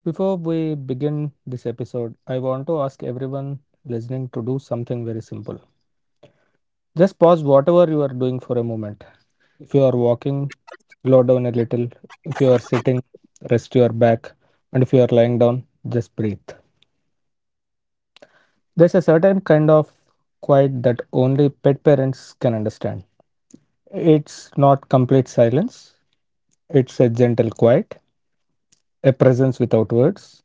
Before we begin this episode, I want to ask everyone listening to do something very simple. Just pause whatever you are doing for a moment. If you are walking, slow down a little. If you are sitting, rest your back. And if you are lying down, just breathe. There's a certain kind of quiet that only pet parents can understand. It's not complete silence, it's a gentle quiet, a presence without words,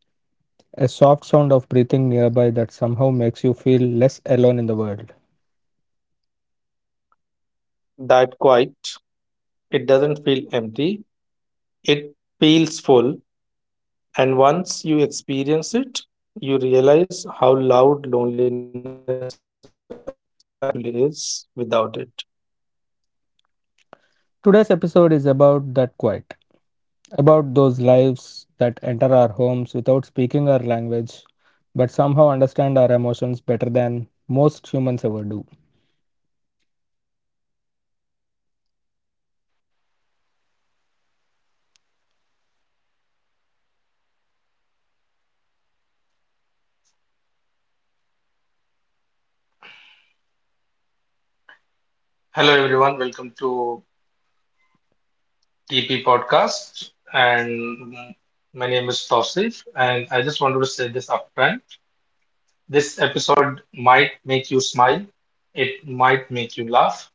a soft sound of breathing nearby that somehow makes you feel less alone in the world. That quiet, it doesn't feel empty, it feels full. And once you experience it, you realize how loud loneliness actually is without it. Today's episode is about that quiet, about those lives that enter our homes without speaking our language, but somehow understand our emotions better than most humans ever do. Hello everyone, welcome to TP Podcast. And My name is Tausif, and I just wanted to say this upfront. This episode might make you smile, it might make you laugh,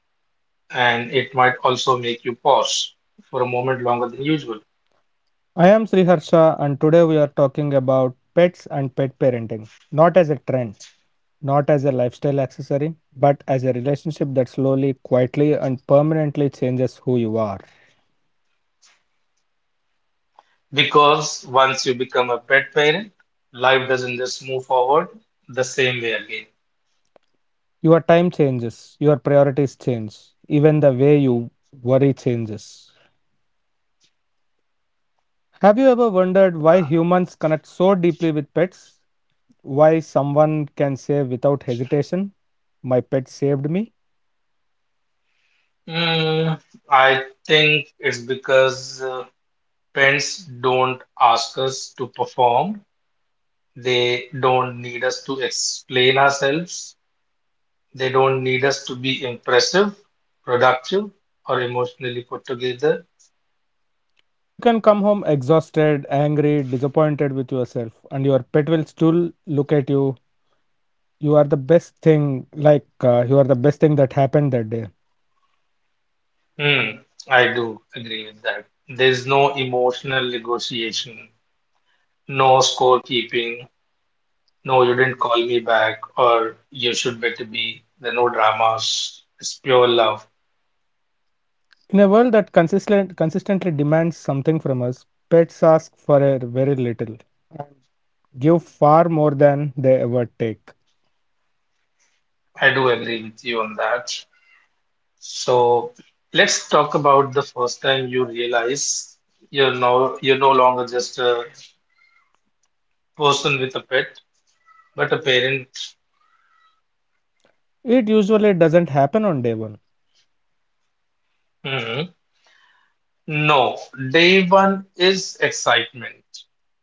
and it might also make you pause for a moment longer than usual. I am Sriharsha, and today we are talking about pets and pet parenting, not as a trend. Not as a lifestyle accessory, but as a relationship that slowly, quietly, and permanently changes who you are. Because once you become a pet parent, life doesn't just move forward the same way again. Your time changes, your priorities change, even the way you worry changes. Have you ever wondered why humans connect so deeply with pets? Why someone can say without hesitation, my pet saved me? Mm, I think it's because pets don't ask us to perform. They don't need us to explain ourselves. They don't need us to be impressive, productive, or emotionally put together. You can come home exhausted, angry, disappointed with yourself, and your pet will still look at you. You are the best thing, you are the best thing that happened that day. Mm, I do agree with that. There's no emotional negotiation, no scorekeeping, no, you didn't call me back, or you should better be. There are no dramas. It's pure love. In a world that consistently demands something from us, pets ask for a very little. And give far more than they ever take. I do agree with you on that. So let's talk about the first time you realize you're no longer just a person with a pet, but a parent. It usually doesn't happen on day one. Mm-hmm. No, day one is excitement.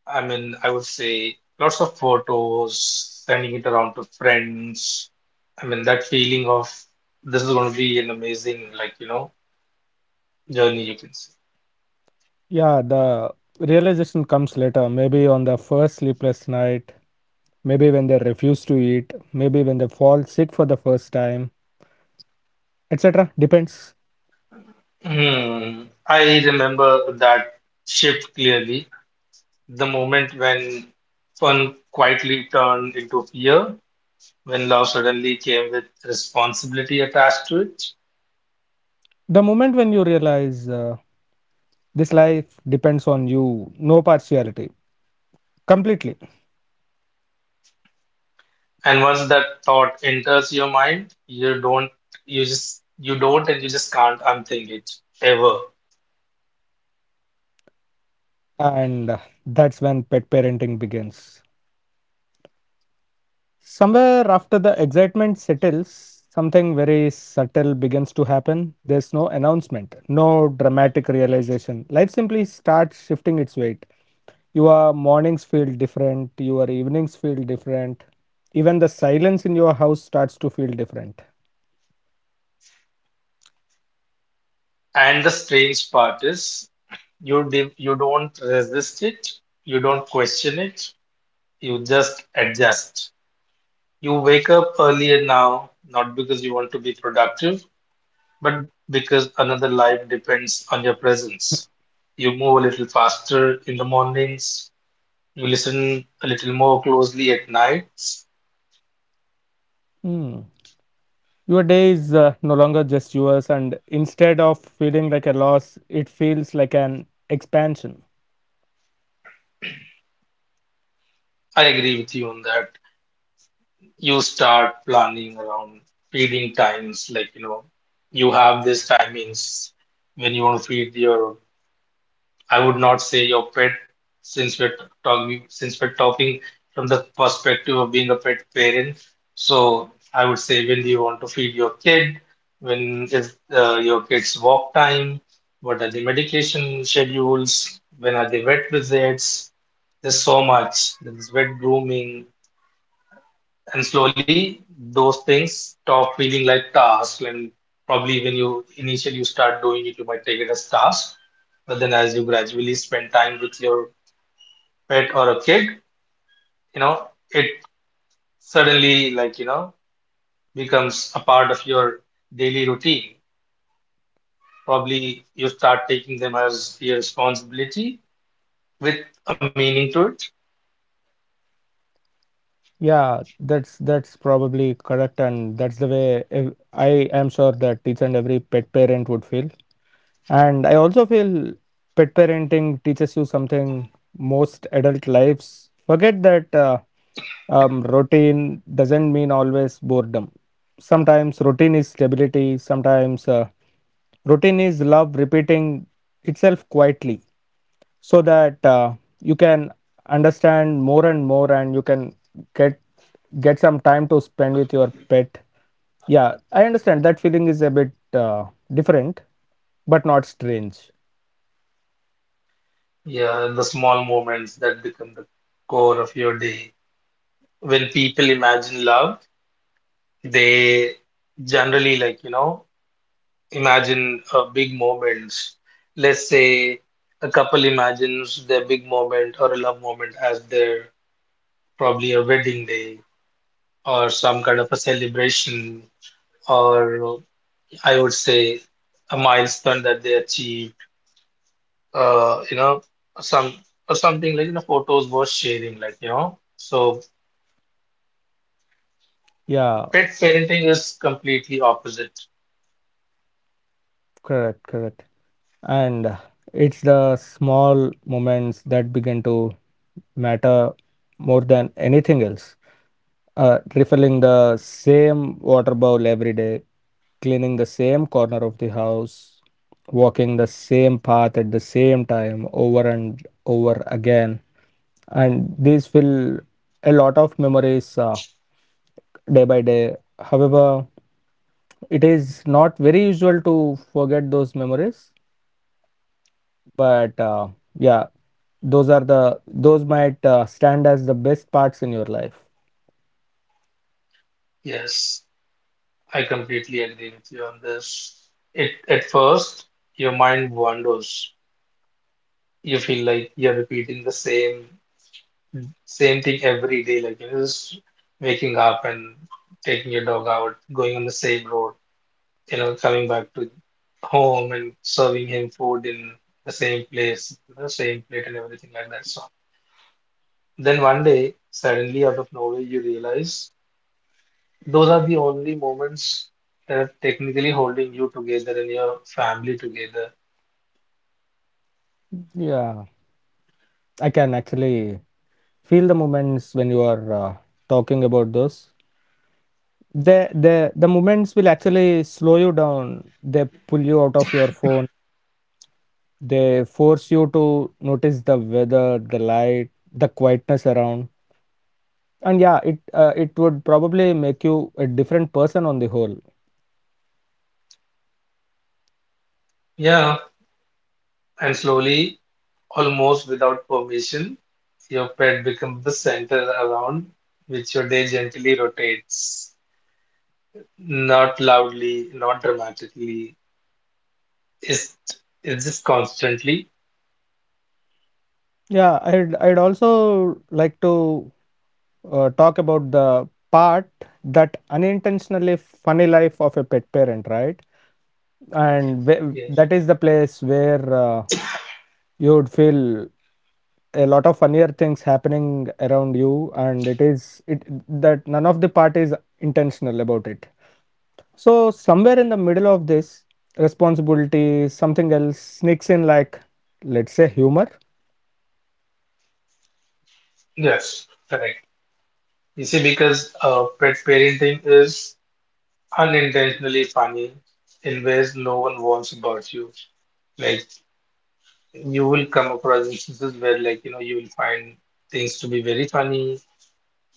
I mean, I would say lots of photos, sending it around to friends. I mean, that feeling of this is going to be an amazing, like, you know, journey, you can say. Yeah, the realization comes later, maybe on the first sleepless night, maybe when they refuse to eat, maybe when they fall sick for the first time, etc. Depends. Hmm. I remember that shift clearly. The moment when fun quietly turned into fear, when love suddenly came with responsibility attached to it. The moment when you realize this life depends on you, no partiality, completely. And once that thought enters your mind, you don't, and you just can't unthink it ever. And that's when pet parenting begins. Somewhere after the excitement settles, something very subtle begins to happen. There's no announcement, no dramatic realization. Life simply starts shifting its weight. Your mornings feel different, your evenings feel different. Even the silence in your house starts to feel different. And the strange part is, you don't resist it, you don't question it, you just adjust. You wake up earlier now, not because you want to be productive, but because another life depends on your presence. You move a little faster in the mornings, you listen a little more closely at nights. Hmm. Your day is no longer just yours, and instead of feeling like a loss, it feels like an expansion. I agree with you on that. You start planning around feeding times, like, you know, you have these timings when you want to feed your, I would not say your pet, since we're talking, from the perspective of being a pet parent. So I would say when you want to feed your kid, when is your kid's walk time, what are the medication schedules, when are the vet visits, there's so much, there's vet grooming. And slowly those things stop feeling like tasks, and probably when you initially you start doing it you might take it as task, but then as you gradually spend time with your pet or a kid, you know, it suddenly like you know becomes a part of your daily routine. Probably you start taking them as your responsibility with a meaning to it. Yeah, that's probably correct, and that's the way I am sure that each and every pet parent would feel. And I also feel pet parenting teaches you something most adult lives forget that routine doesn't mean always boredom. Sometimes routine is stability. Sometimes routine is love repeating itself quietly, so that you can understand more and more, and you can get get some time to spend with your pet. Yeah, I understand that feeling is a bit different but not strange. Yeah, the small moments that become the core of your day. When people imagine love, they generally, like, you know, imagine big moments. Let's say a couple imagines their big moment or a love moment as their probably a wedding day, or some kind of a celebration, or I would say a milestone that they achieved, you know, some or something like, you know, photos worth sharing, like, you know. So Yeah, pet parenting is completely opposite. correct, and it's the small moments that begin to matter more than anything else. Refilling the same water bowl every day, cleaning the same corner of the house, walking the same path at the same time over and over again. And these fill a lot of memories day by day. However, it is not very usual to forget those memories, but yeah, those are the those might stand as the best parts in your life. Yes. I completely agree with you on this. It at first your mind wanders. You feel like you're repeating the same thing every day, like you know, just waking up and taking your dog out, going on the same road, you know, coming back to home and serving him food in the same place, you know, same plate and everything like that. So then one day, suddenly out of nowhere, you realize. Those are the only moments that are technically holding you together and your family together. Yeah, I can actually feel the moments when you are talking about those. The the the moments will actually slow you down, they pull you out of your phone, they force you to notice the weather, the light, the quietness around. And it would probably make you a different person on the whole. Yeah, and slowly, almost without permission, your pet becomes the center around which your day gently rotates. Not loudly, not dramatically. It's, it's just constantly. I'd also like to talk about the part, that unintentionally funny life of a pet parent, right? And Yes. that is the place where you would feel a lot of funnier things happening around you, and it is it that none of the part is intentional about it. So somewhere in the middle of this responsibility, something else sneaks in, like let's say humor. Yes, correct. You see, because pet parenting is unintentionally funny in ways no one warns about you. Like you will come across instances where like you know you will find things to be very funny,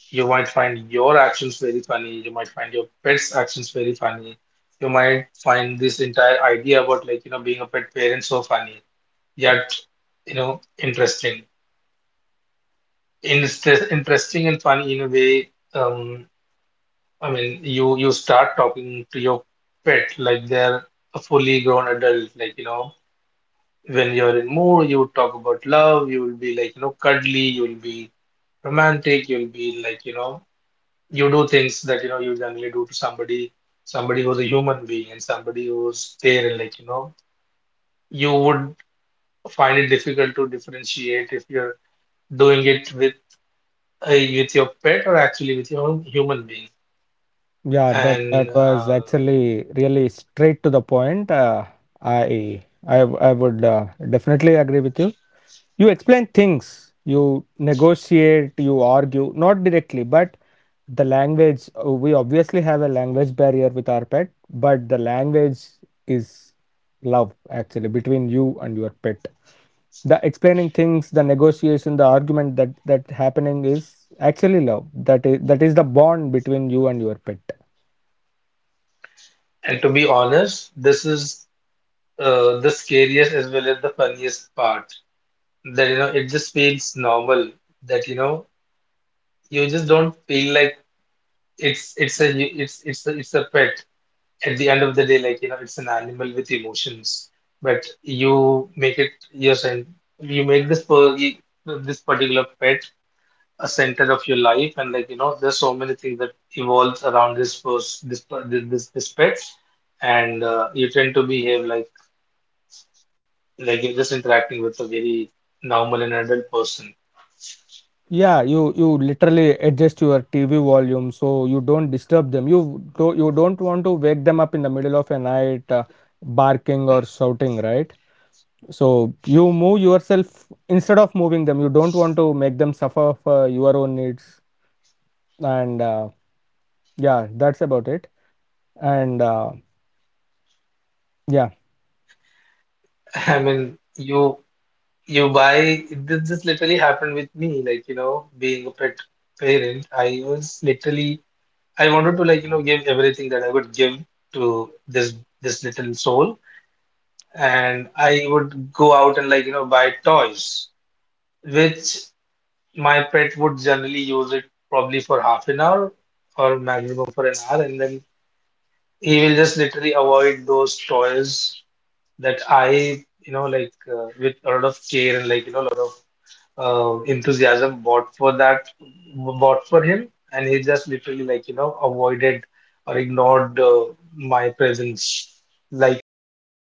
you might find your actions very funny, you might find your pet's actions very funny, you might find this entire idea about like you know being a pet parent so funny, yet you know interesting. Interesting and funny in a way. um I mean you start talking to your pet like they're a fully grown adult, like you know, when you're in mood you would talk about love, you will be like you know cuddly, you will be romantic, you'll be like, you know, you do things that, you know, you generally do to somebody, somebody who's a human being and somebody who's there and like, you know, you would find it difficult to differentiate if you're doing it with your pet or actually with your own human being. Yeah, that And that was uh, actually really straight to the point. Uh, i i i would definitely agree with you. You explain things, you negotiate, you argue, not directly, but the language, we obviously have a language barrier with our pet, but the language is love, actually, between you and your pet. The explaining things, the negotiation, the argument that happening is actually love. That is the bond between you and your pet. and to be honest, this is the scariest as well as the funniest part. That, you know, it just feels normal that, you know, you just don't feel like it's a pet at the end of the day, like, you know, it's an animal with emotions, but you make this per you, this particular pet a center of your life, and like, you know, there's so many things that evolves around this pet, and you tend to behave like you're just interacting with a very normal and adult person. Yeah, you literally adjust your TV volume so you don't disturb them. You don't want to wake them up in the middle of a night barking or shouting, right? So you move yourself instead of moving them. You don't want to make them suffer for your own needs. And yeah, that's about it. And yeah. I mean, you buy this, this literally happened with me, like, you know, being a pet parent, I was literally I wanted to like you know give everything that I would give to this little soul, and I would go out and like you know buy toys, which my pet would generally use it probably for half an hour or maximum for an hour, and then he will just literally avoid those toys that I you know like with a lot of care and like you know a lot of enthusiasm bought for him, and he just literally like you know avoided or ignored my presence like if it meant